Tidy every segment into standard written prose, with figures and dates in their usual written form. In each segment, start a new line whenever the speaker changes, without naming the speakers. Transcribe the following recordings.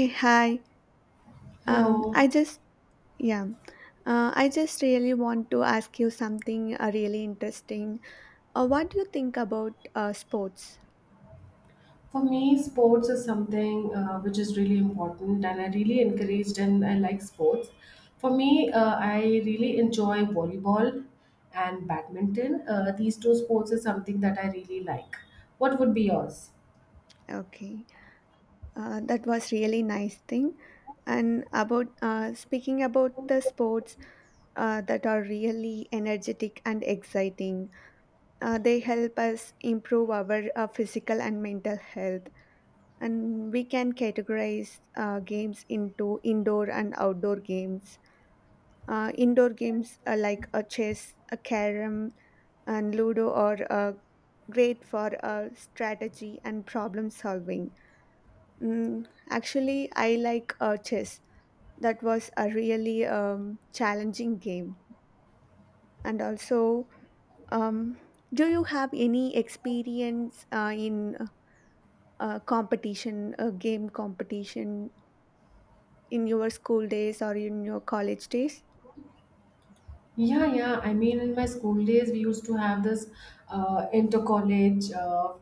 Hey, hi. Um,
Hello.
I just, yeah, I just really want to ask you something really interesting. What do you think about sports?
For me, sports is something which is really important, and I really encouraged and I like sports. For me, I really enjoy volleyball and badminton. These two sports is something that I really like. What would be yours?
Okay, that was really nice thing. And about speaking about the sports that are really energetic and exciting, they help us improve our physical and mental health. And we can categorize games into indoor and outdoor games. Indoor games like a chess, a carom, and ludo are great for strategy and problem solving. Mm, actually, I like chess. That was a really challenging game. And also, um, do you have any experience in competition, game competition in your school days or in your college days?
Yeah, yeah. I mean, in my school days, we used to have this inter-college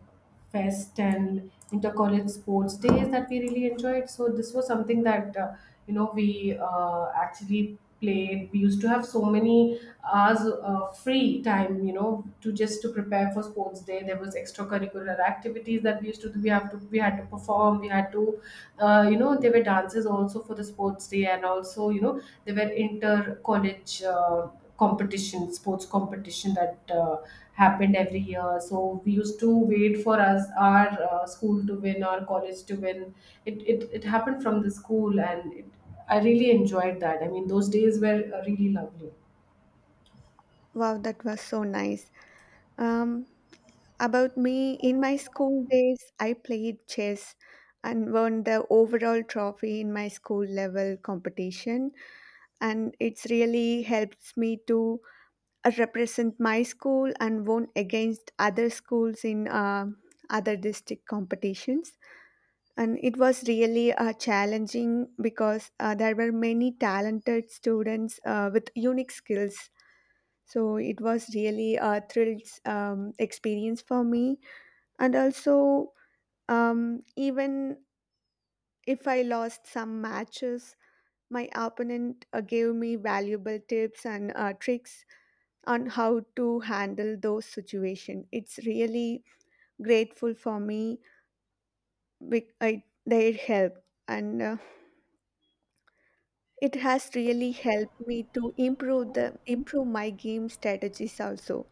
fest and inter-college sports days that we really enjoyed. So this was something that we actually played. We used to have so many hours free time, to just to prepare for sports day. There was extracurricular activities that we used to do. We had to perform. We had to. There were dances also for the sports day, and also there were inter college competition sports competition that happened every year. So we used to wait for us, our school to win, our college to win it. It happened from the school, and I really enjoyed that. I mean, those days were really lovely.
Wow, that was so nice. Um, about me, in my school days, I played chess and won the overall trophy in my school level competition. And it's really helps me to represent my school and won against other schools in other district competitions. And it was really challenging because there were many talented students with unique skills. So it was really a thrilled experience for me, and also even if I lost some matches my opponent gave me valuable tips and tricks on how to handle those situations. It's really grateful for me with their help, and it has really helped me to improve my game strategies also.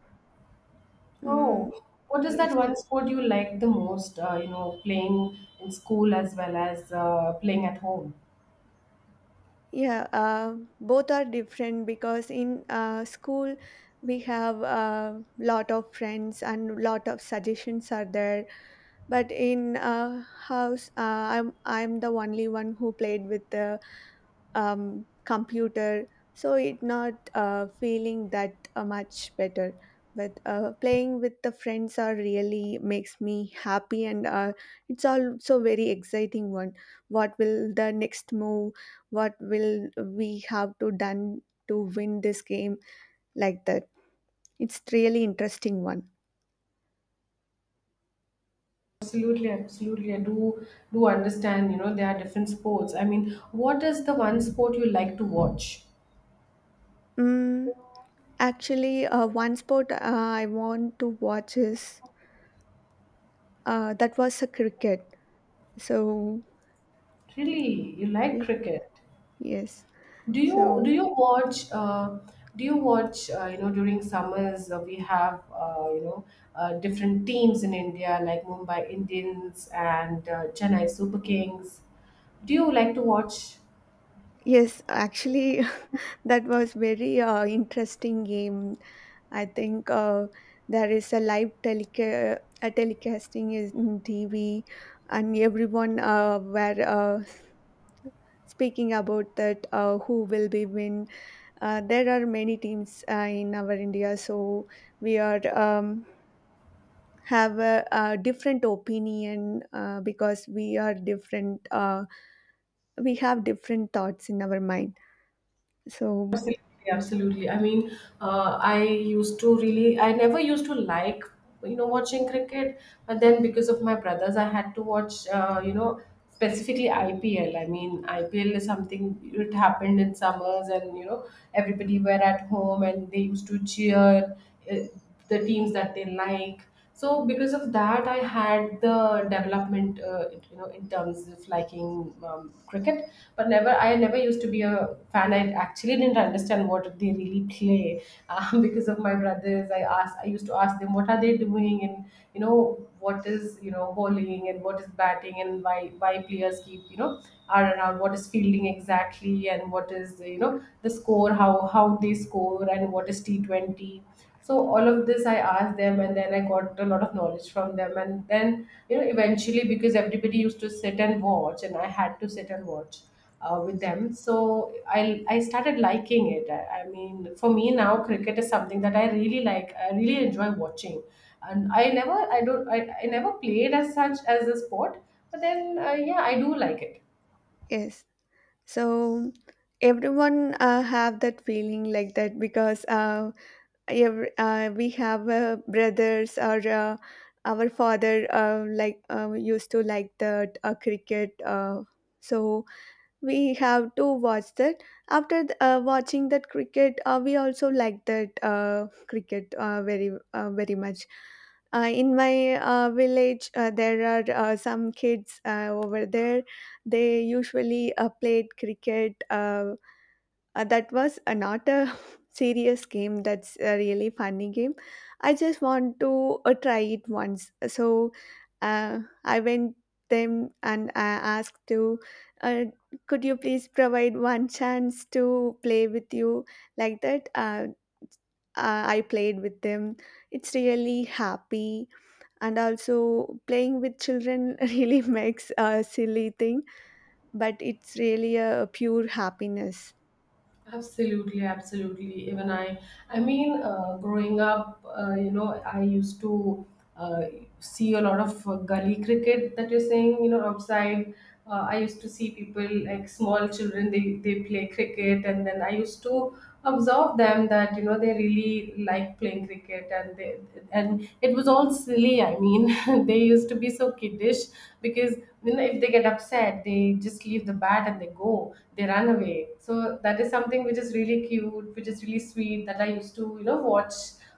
Mm,
Oh, what is
yes.
that one sport you like the most, playing in school as well as playing at home?
Yeah, both are different because in school we have a lot of friends and lot of suggestions are there. But in house, I'm the only one who played with the computer. So it not feeling that much better, but playing with the friends are really makes me happy, and it's also very exciting one. What will the next move? What will we have to done to win this game? Like that, it's really interesting one.
Absolutely, absolutely. I do understand, you know, there are different sports. I mean, what is the one sport you like to watch?
mm, Actually, one sport I want to watch is that was a cricket. So,
Really, you like
yes,
cricket?
yes.
Do you do
So,
you watch do you watch during summers, we have, different teams in India like Mumbai Indians and Chennai Super Kings. Do you like to watch?
yes, actually, that was very interesting game. I think there is a live teleca- a telecasting is in TV, and everyone were speaking about that who will be win. There are many teams in our India, so we are have a different opinion because we are different. We have different thoughts in our mind. So.
Yeah, absolutely. I mean, I used to really, I never used to like, you know, watching cricket, but then because of my brothers, I had to watch, specifically IPL. I mean, IPL is something. It happened in summers, and, you know, everybody were at home and they used to cheer uh, the teams that they like. So because of that, I had the development in terms of liking cricket. But never, I never used to be a fan. I actually didn't understand what they really play. Because of my brothers, I used to ask them what are they doing, and you know what is, bowling, and what is batting, and why players keep, you know, are around, what is fielding exactly, and what is, the score, how they score, and what is T20? So all of this I asked them, and then I got a lot of knowledge from them. And then you know eventually, because everybody used to sit and watch, and I had to sit and watch with them. So I started liking it. I mean, for me now, cricket is something that I really like, I really enjoy watching. And I never, I don't, I never played as such as a sport. But then yeah, I do like it.
Yes. So everyone have that feeling like that because we have brothers or our father like used to like the cricket. So we have to watch that after watching that cricket. We also like that cricket very very much. In my village there are some kids over there. They usually played cricket. That was not a serious game. That's a really funny game. I just want to try it once. So I went them and I asked to, uh, could you please provide one chance to play with you, like that. I played with them. It's really happy. And also, playing with children really makes a silly thing, but it's really a pure happiness.
Absolutely, absolutely. Even I mean, growing up, you know, I used to uh, see a lot of gully cricket that you're saying, you know, outside. I used to see people like small children, they play cricket, and then I used to observe them that you know they really like playing cricket. And they, and it was all silly. I mean, they used to be so kiddish, because you know if they get upset, they just leave the bat and they go, they run away. So that is something which is really cute, which is really sweet, that I used to, you know, watch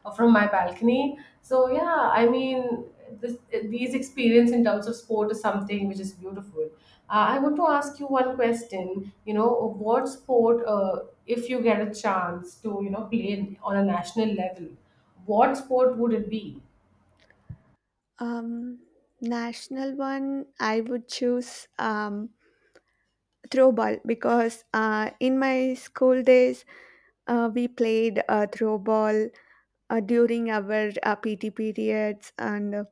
from my balcony. So yeah, I mean, this, these experience in terms of sport is something which is beautiful. I want to ask you one question. You know, what sport, if you get a chance to, you know, play in- on a national level, what sport would it be?
Um, National one, I would choose throwball because in my school days we played throwball during our PT periods, and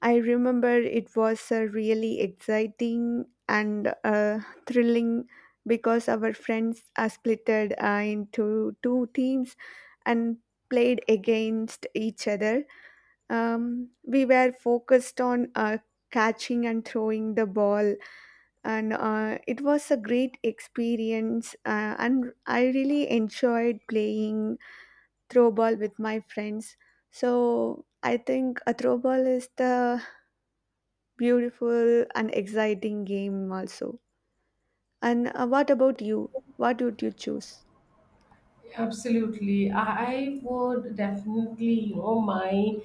I remember it was really exciting and thrilling because our friends are splitted into two teams and played against each other. We were focused on catching and throwing the ball, and it was a great experience. And I really enjoyed playing throw ball with my friends. So I think a throw ball is the beautiful and exciting game also. And what about you? What would you choose?
Absolutely. I would definitely, you know, my,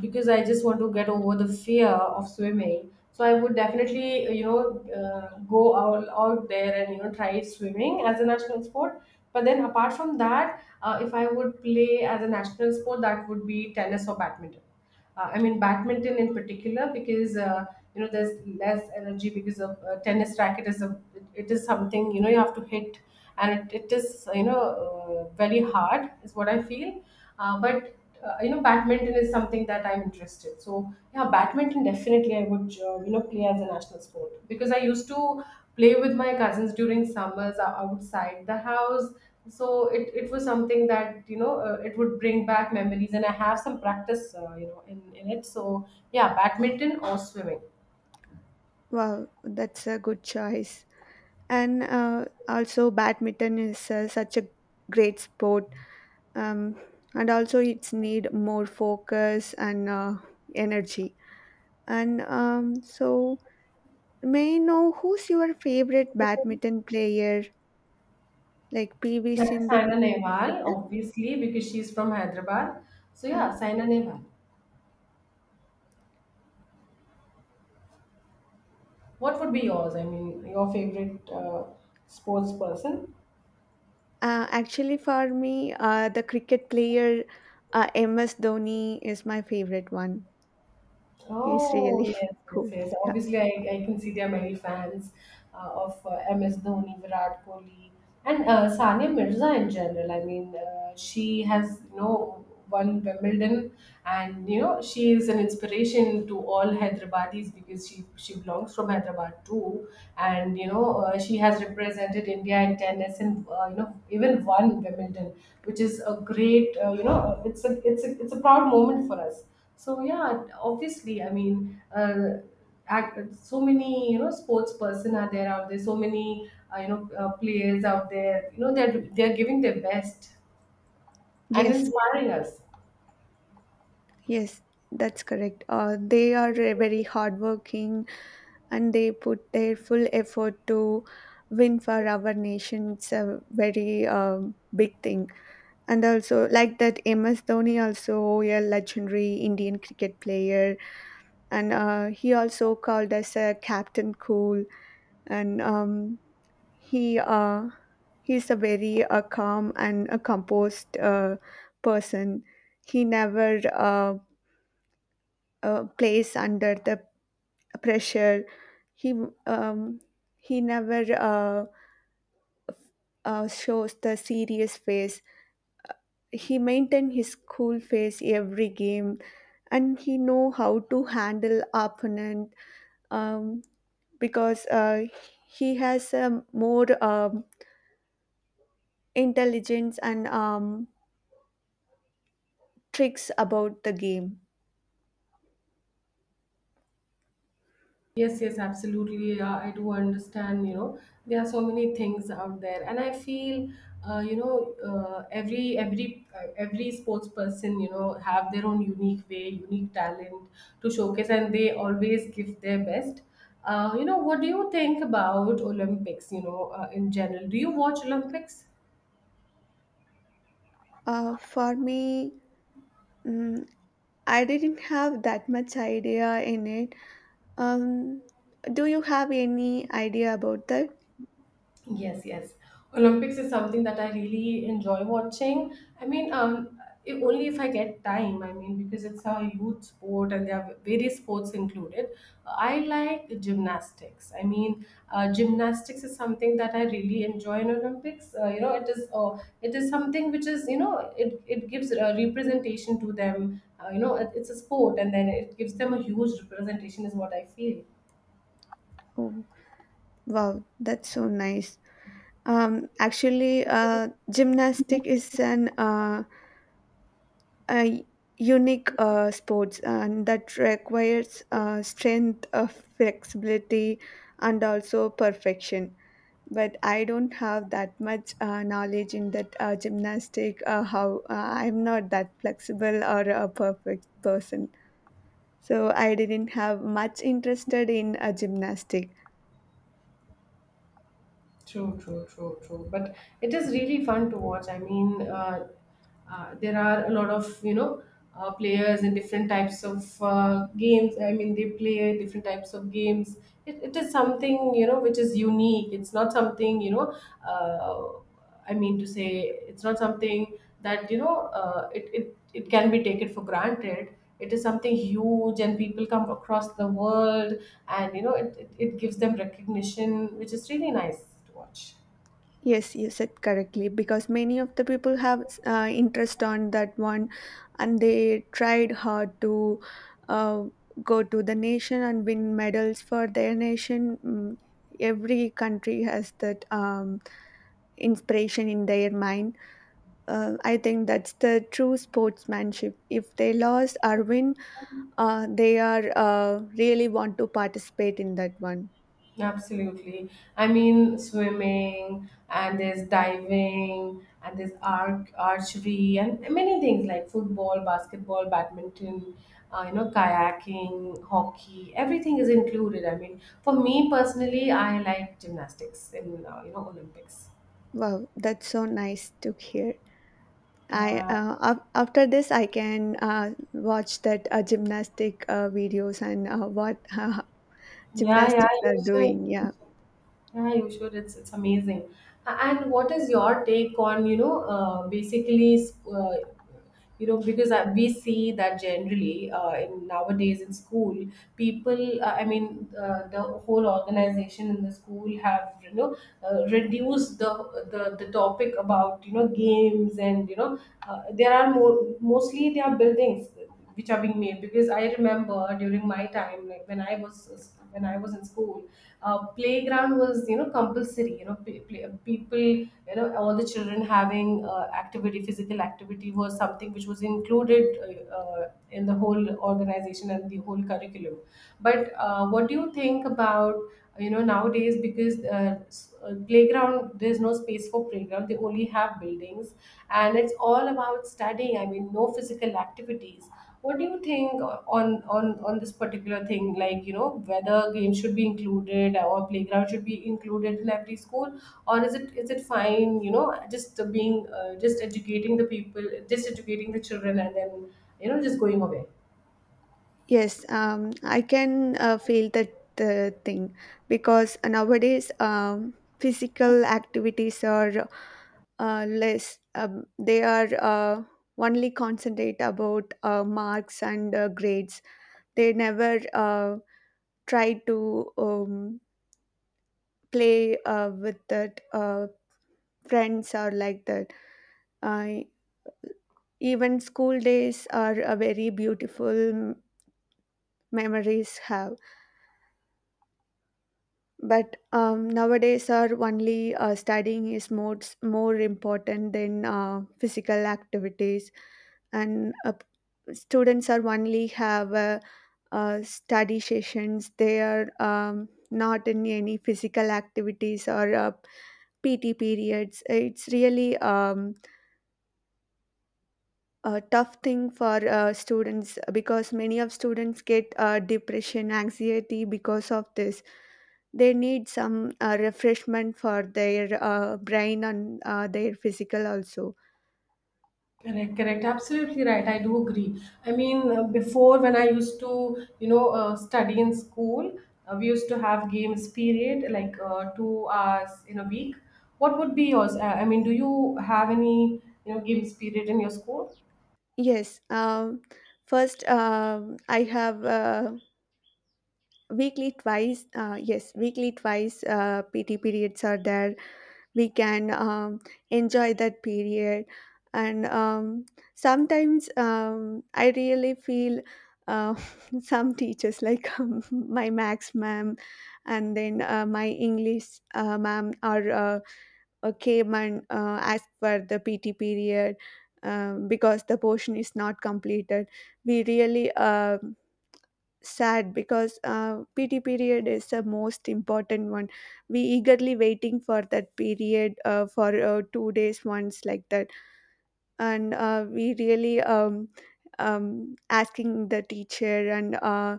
because I just want to get over the fear of swimming. So I would definitely, you know, go out, out there and, you know, try swimming as a national sport. But then apart from that, if I would play as a national sport, that would be tennis or badminton. I mean badminton in particular, because you know, there's less energy because of, tennis racket is a, it is something, you know, you have to hit, and it is, you know, very hard is what I feel. But you know, badminton is something that I'm interested. So yeah, badminton definitely I would, you know, play as a national sport, because I used to play with my cousins during summers, outside the house. So it was something that you know it would bring back memories, and I have some practice you know in it. So yeah, badminton or swimming.
Wow, that's a good choice. And also, badminton is such a great sport. um, and also it's need more focus and energy, and so, may I know who's your favorite badminton player, like pv
Sa-
sindhu
Saina Nehwal,
like that?
obviously, because she's from Hyderabad. So
uh,
yeah, Saina Nehwal. What would be yours? I mean, your favorite sports person?
Actually, for me, the cricket player, ms dhoni is my favorite one. He's
Oh,
really
yes, yes,
cool.
yes.
Yeah.
Obviously, I can see there are many fans of MS Dhoni, Virat Kohli, and Sania Mirza in general. I mean, she has, you know, won Wimbledon, and, you know, she is an inspiration to all Hyderabadis because she belongs from Hyderabad too. And, you know, she has represented India in tennis and, you know, even won Wimbledon, which is a great, you know, it's a, it's a, it's a proud moment for us. So yeah, obviously, I mean, act, so many you know sports person are there out there. So many you know players out there. You know, they're giving their best and
Yes,
inspiring us.
yes, that's correct. They are very hardworking and they put their full effort to win for our nation. It's a very big thing. And also, like that, MS Dhoni, also a legendary Indian cricket player, and he also called us a Captain Cool, and he uh, he's a very calm and a composed person. He never plays under the pressure. He um, he never shows the serious face. He maintained his cool face every game, and he know how to handle opponent, um, because he has more intelligence and tricks about the game.
Yes, yes, absolutely. I do understand. You know, there are so many things out there, and I feel, you know, every sports person, you know, have their own unique way, unique talent to showcase, and they always give their best. You know, what do you think about Olympics? You know, in general, do you watch Olympics?
For me, mm, I didn't have that much idea in it. Um, do you have any idea about that?
Yes, yes. Olympics is something that I really enjoy watching. I mean, if, only if I get time. I mean, because it's a youth sport and there are various sports included. I like gymnastics. I mean, gymnastics is something that I really enjoy in Olympics. You know, it is, it is something which is you know it it gives a representation to them. You know, it, it's a sport, and then it gives them a huge representation, is what I feel.
Oh, wow, that's so nice. Actually, gymnastic is an a unique sports and that requires strength, flexibility, and also perfection. But I don't have that much knowledge in that gymnastic. How I'm not that flexible or a perfect person, so I didn't have much interested in gymnastic.
True, true, true, true. But it is really fun to watch. I mean, there are a lot of you know players in different types of games. I mean, they play different types of games. It is something you know which is unique. It's not something you know. Uh, I mean to say, it's not something that you know it, it it can be taken for granted. It is something huge, and people come across the world, and you know it, it, it gives them recognition, which is really nice to watch.
Yes, you said correctly because many of the people have interest on that one, and they tried hard to uh, go to the nation and win medals for their nation. Mm. Every country has that inspiration in their mind. I think that's the true sportsmanship. If they lost or win, they are really want to participate in that one.
Absolutely. I mean, swimming and there's diving and there's arc archery and many things like football, basketball, badminton, you know, kayaking, hockey. Everything is included. I mean, for me personally, I like gymnastics in you know Olympics.
Wow, that's so nice to hear. I
Yeah.
after this I can watch that gymnastic videos and what
Yeah, yeah,
gymnastics are
you
doing.
should.
Yeah.
Yeah, you should. It's amazing. And what is your take on, you know, basically, uh, you know, because I, we see that generally in nowadays in school, people, I mean, the whole organization in the school have, you know, reduced the topic about, you know, games and, you know, there are more, mostly they are buildings which are being made. Because I remember during my time, like when I was, when I was in school, playground was you know compulsory. You know, play, people, you know, all the children having activity, physical activity was something which was included in the whole organization and the whole curriculum. But what do you think about you know nowadays? Because playground, there's no space for playground, they only have buildings. And it's all about studying, I mean, no physical activities. What do you think on this particular thing? Like, you know, whether games should be included or playground should be included in every school, or is it, is it fine? You know, just being just educating the people, just educating the children, and then you know just going away.
Yes, I can feel that thing because nowadays physical activities are less. They are only concentrate about marks and grades. They never try to play with that friends, or like that. Uh, Even school days are a very beautiful memories have. But nowadays are only studying is more important than physical activities. And students are only have study sessions. They are not in any physical activities or PT periods. It's really a tough thing for students because many of students get depression, anxiety because of this. They need some refreshment for their brain and their physical also.
Correct, correct. Absolutely right. I do agree. I mean, before when I used to, study in school, we used to have games period like 2 hours in a week. What would be yours? I mean, do you have any, games period in your school?
Yes. First, I have weekly twice, yes, weekly twice, PT periods are there. We can enjoy that period. And sometimes I really feel uh, some teachers, like my max ma'am, and then my English ma'am are came and asked for the PT period. Because the portion is not completed, we really sad because PT period is the most important one. We eagerly waiting for that period for 2 days once, like that. And we really asking the teacher, and uh,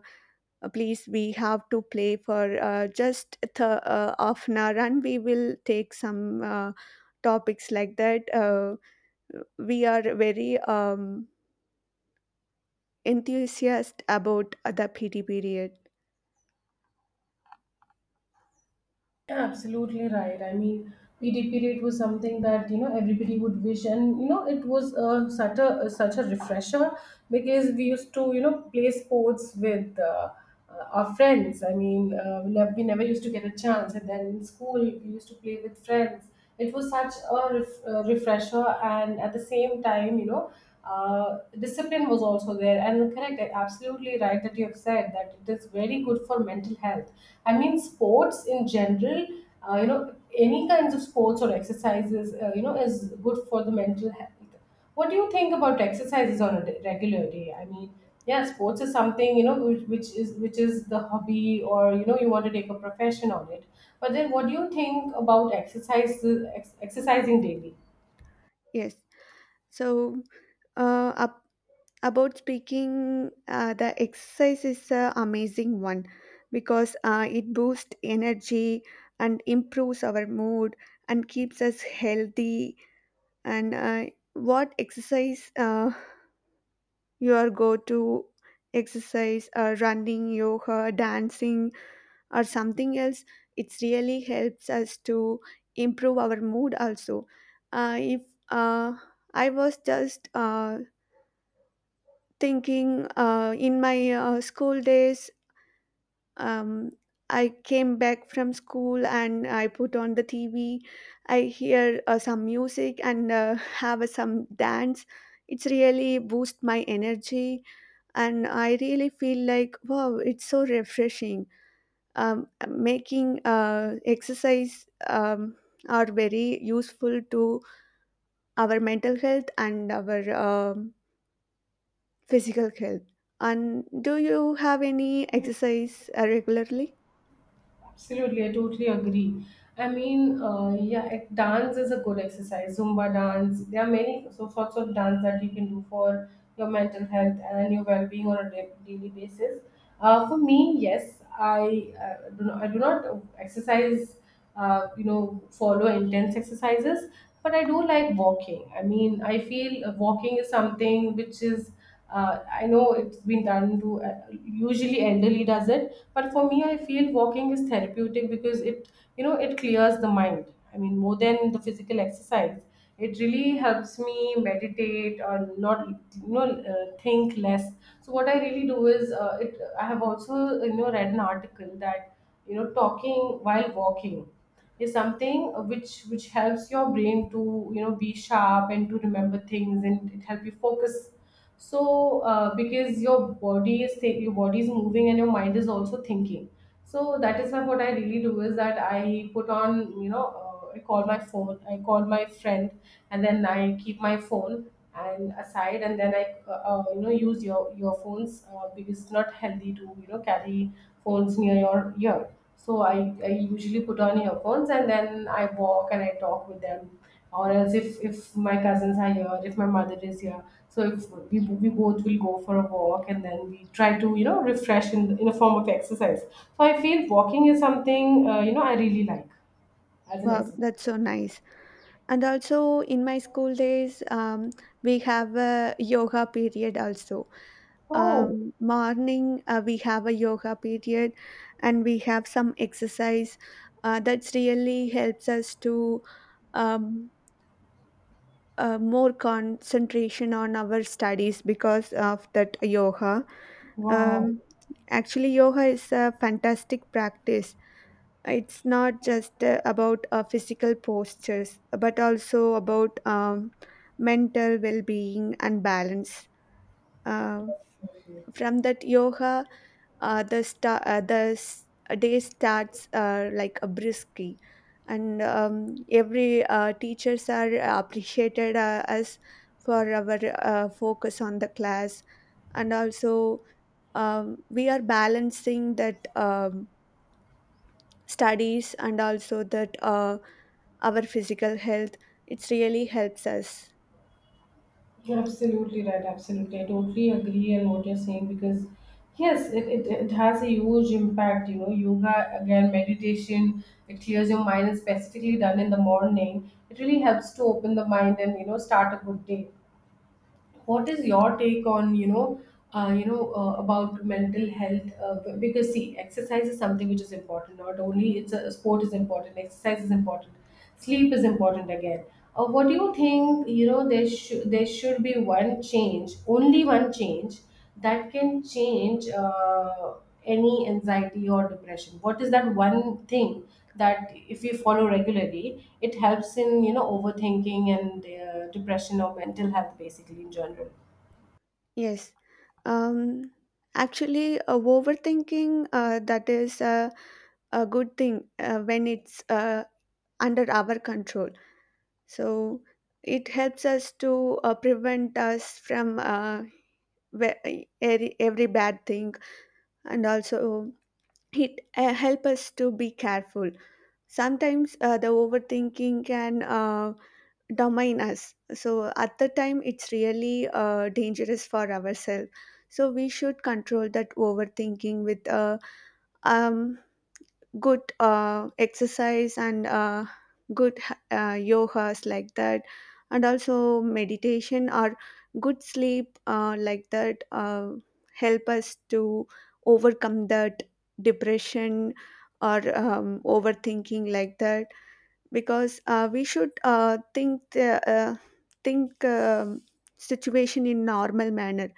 uh, please, we have to play for just half an hour, and we will take some topics, like that. We are very enthusiastic about the PT period.
Yeah, absolutely right. I mean, PDP rate was something that you know everybody would wish, and you know it was such a such a refresher because we used to you know play sports with our friends. I mean, we never used to get a chance, and then in school we used to play with friends. It was such a refresher, and at the same time, you know discipline was also there, and correct, absolutely right that you have said that it is very good for mental health. I mean, sports in general, you know, any kinds of sports or exercises, you know, is good for the mental health. What do you think about exercises on a regular day? I mean, yeah, sports is something, you know, which is the hobby, or you know you want to take a profession on it. But then what do you think about exercise, exercising daily?
Yes. So, uh, up, about speaking the exercise is an amazing one because it boosts energy and improves our mood and keeps us healthy. And what exercise your go-to exercise? Running, yoga, dancing, or something else? It really helps us to improve our mood also. If uh, I was just thinking in my school days, um, I came back from school and I put on the TV. I hear some music and have some dance. It's really boost my energy, and I really feel like, wow, it's so refreshing. Making exercise are very useful to our mental health and our physical health. And do you have any exercise regularly?
Absolutely, I totally agree. I mean, yeah, it, dance is a good exercise. Zumba dance. There are many so sorts of dance that you can do for your mental health and your well-being on a daily basis. For me, yes, I do not, I do not exercise. You know, follow intense exercises, but I do like walking. I mean, I feel walking is something which is uh, I know it's been done to usually elderly does it, but for me I feel walking is therapeutic because it, you know, it clears the mind. I mean, more than the physical exercise, it really helps me meditate or not, you know, think less. So what I really do is it I have also, you know, read an article that you know talking while walking is something which helps your brain to you know be sharp and to remember things, and it help you focus. So because your body is your body is moving and your mind is also thinking. So that is why what I really do is that I put on, you know, I call my phone, I call my friend, and then I keep my phone and aside, and then I you know use your phones, because it's not healthy to you know carry phones near your ear. So I usually put on earphones and then I walk and I talk with them. Or else if my cousins are here, if my mother is here, so if we both will go for a walk and then we try to you know refresh in a form of exercise. So I feel walking is something, you know, I really like as an
Wow,
exercise.
that's so nice. And also in my school days, we have a yoga period also.
Oh,
Morning, we have a yoga period and we have some exercise. That's really helps us to um, more concentration on our studies because of that yoga.
wow.
Um, Actually, yoga is a fantastic practice. It's not just about physical postures but also about mental well-being and balance. uh, from that yoga, the day starts like a brisky, and every teachers are appreciated as for our focus on the class. And also, we are balancing that studies and also that. Our physical health, it really helps us.
You're absolutely right. Absolutely. I totally agree on what you're saying because, yes, it has a huge impact. You know, yoga, again, meditation, it clears your mind, and specifically done in the morning. It really helps to open the mind and, you know, start a good day. What is your take on, you know, about mental health, because see exercise is something which is important. Not only it's a sport is important, exercise is important, sleep is important again. What do you think, you know, there should be one change, only one change that can change any anxiety or depression? What is that one thing that if you follow regularly it helps in you know overthinking and depression or mental health basically in general?
Yes. um Actually, overthinking, that is a good thing when it's under our control. So it helps us to prevent us from every bad thing. And also it help us to be careful. Sometimes the overthinking can Domain us. So at the time, it's really dangerous for ourselves. So we should control that overthinking with um, good exercise and good yogas, like that, and also meditation or good sleep, like that, help us to overcome that depression or overthinking, like that, because we should think the, think situation in normal manner.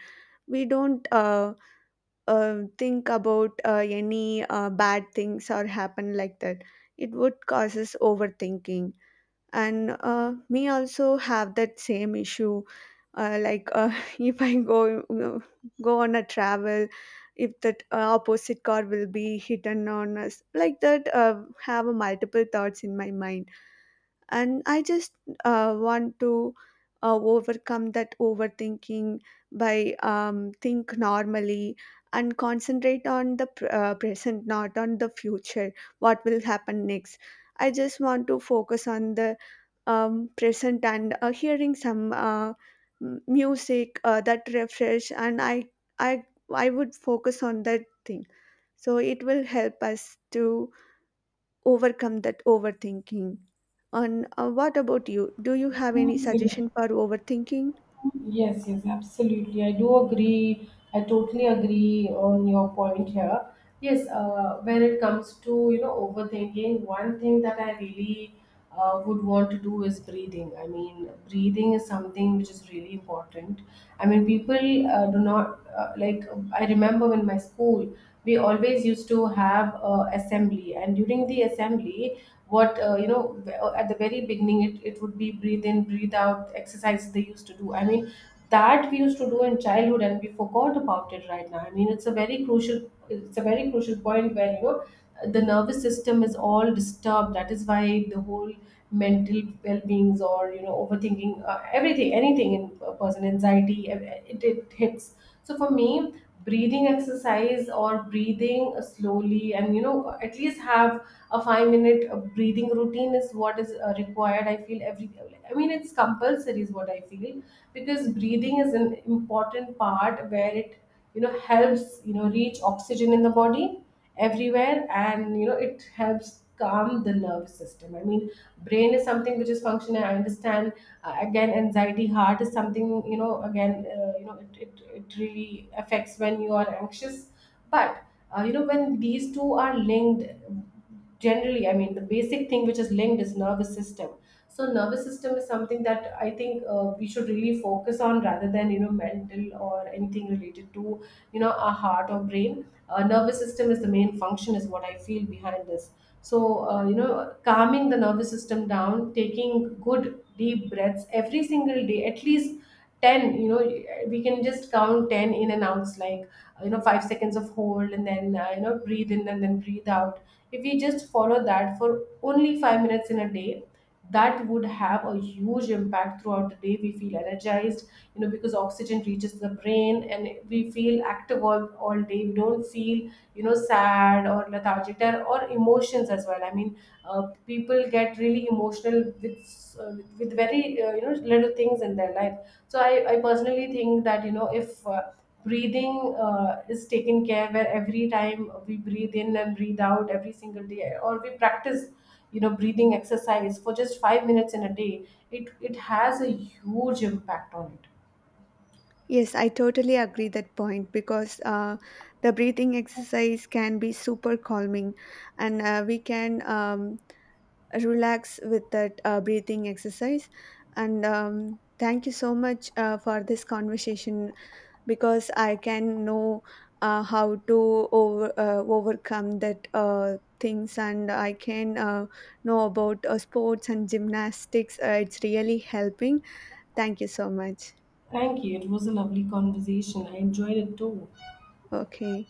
We don't think about any bad things or happen, like that. It would causes overthinking. And me also have that same issue, like if I go on a travel, if that opposite car will be hidden on us, like that, have multiple thoughts in my mind. And I just want to overcome that overthinking by think normally and concentrate on the present, not on the future, what will happen next. I just want to focus on the present and hearing some music that refresh, and i I would focus on that thing. So it will help us to overcome that overthinking. And what about you? Do you have any
Absolutely.
suggestion for overthinking?
Yes, Absolutely, I do agree. I totally agree on your point here. Yes, when it comes to you know overthinking, one thing that I really would want to do is breathing. I mean, breathing is something which is really important. I mean, people do not like. I remember in my school, we always used to have assembly, and during the assembly, what you know at the very beginning, it would be breathe in, breathe out exercises they used to do. I mean, that we used to do in childhood, and we forgot about it right now. I mean, it's a very crucial, it's a very crucial point where you know the nervous system is all disturbed. That is why the whole mental well-beings, or you know overthinking, everything, anything in a person, anxiety, it hits. So for me, breathing exercise, or breathing slowly, and you know at least have a 5 minute breathing routine is what is required, I feel, every, I mean, it's compulsory is what I feel. Because breathing is an important part where it you know helps, you know, reach oxygen in the body everywhere, and you know it helps calm the nervous system. I mean, brain is something which is functional, I understand. Again, anxiety, heart is something, you know, again, you know it really affects when you are anxious. But you know when these two are linked, generally, I mean the basic thing which is linked is nervous system. So nervous system is something that I think we should really focus on rather than you know mental or anything related to, you know, our heart or brain. Nervous system is the main function is what I feel behind this. So you know, calming the nervous system down, taking good deep breaths every single day, at least 10, you know, we can just count 10 in and outs, like you know, 5 seconds of hold, and then you know, breathe in and then breathe out. If we just follow that for only 5 minutes in a day, that would have a huge impact. Throughout the day we feel energized, you know, because oxygen reaches the brain, and we feel active all day. We don't feel, you know, sad or lethargic there, or emotions as well. I mean, uh, people get really emotional uh, with very you know little things in their life. So I personally think that you know if breathing is taken care, where every time we breathe in and breathe out every single day, or we practice, you know, breathing exercise for just 5 minutes in a day, it has a huge impact on it.
Yes, I totally agree that point because the breathing exercise can be super calming, and we can relax with that breathing exercise. And thank you so much for this conversation, because I can know how to overcome that things, and I can know about sports and gymnastics. It's really helping. Thank you so much.
Thank you, it was a lovely conversation, I enjoyed it too.
Okay.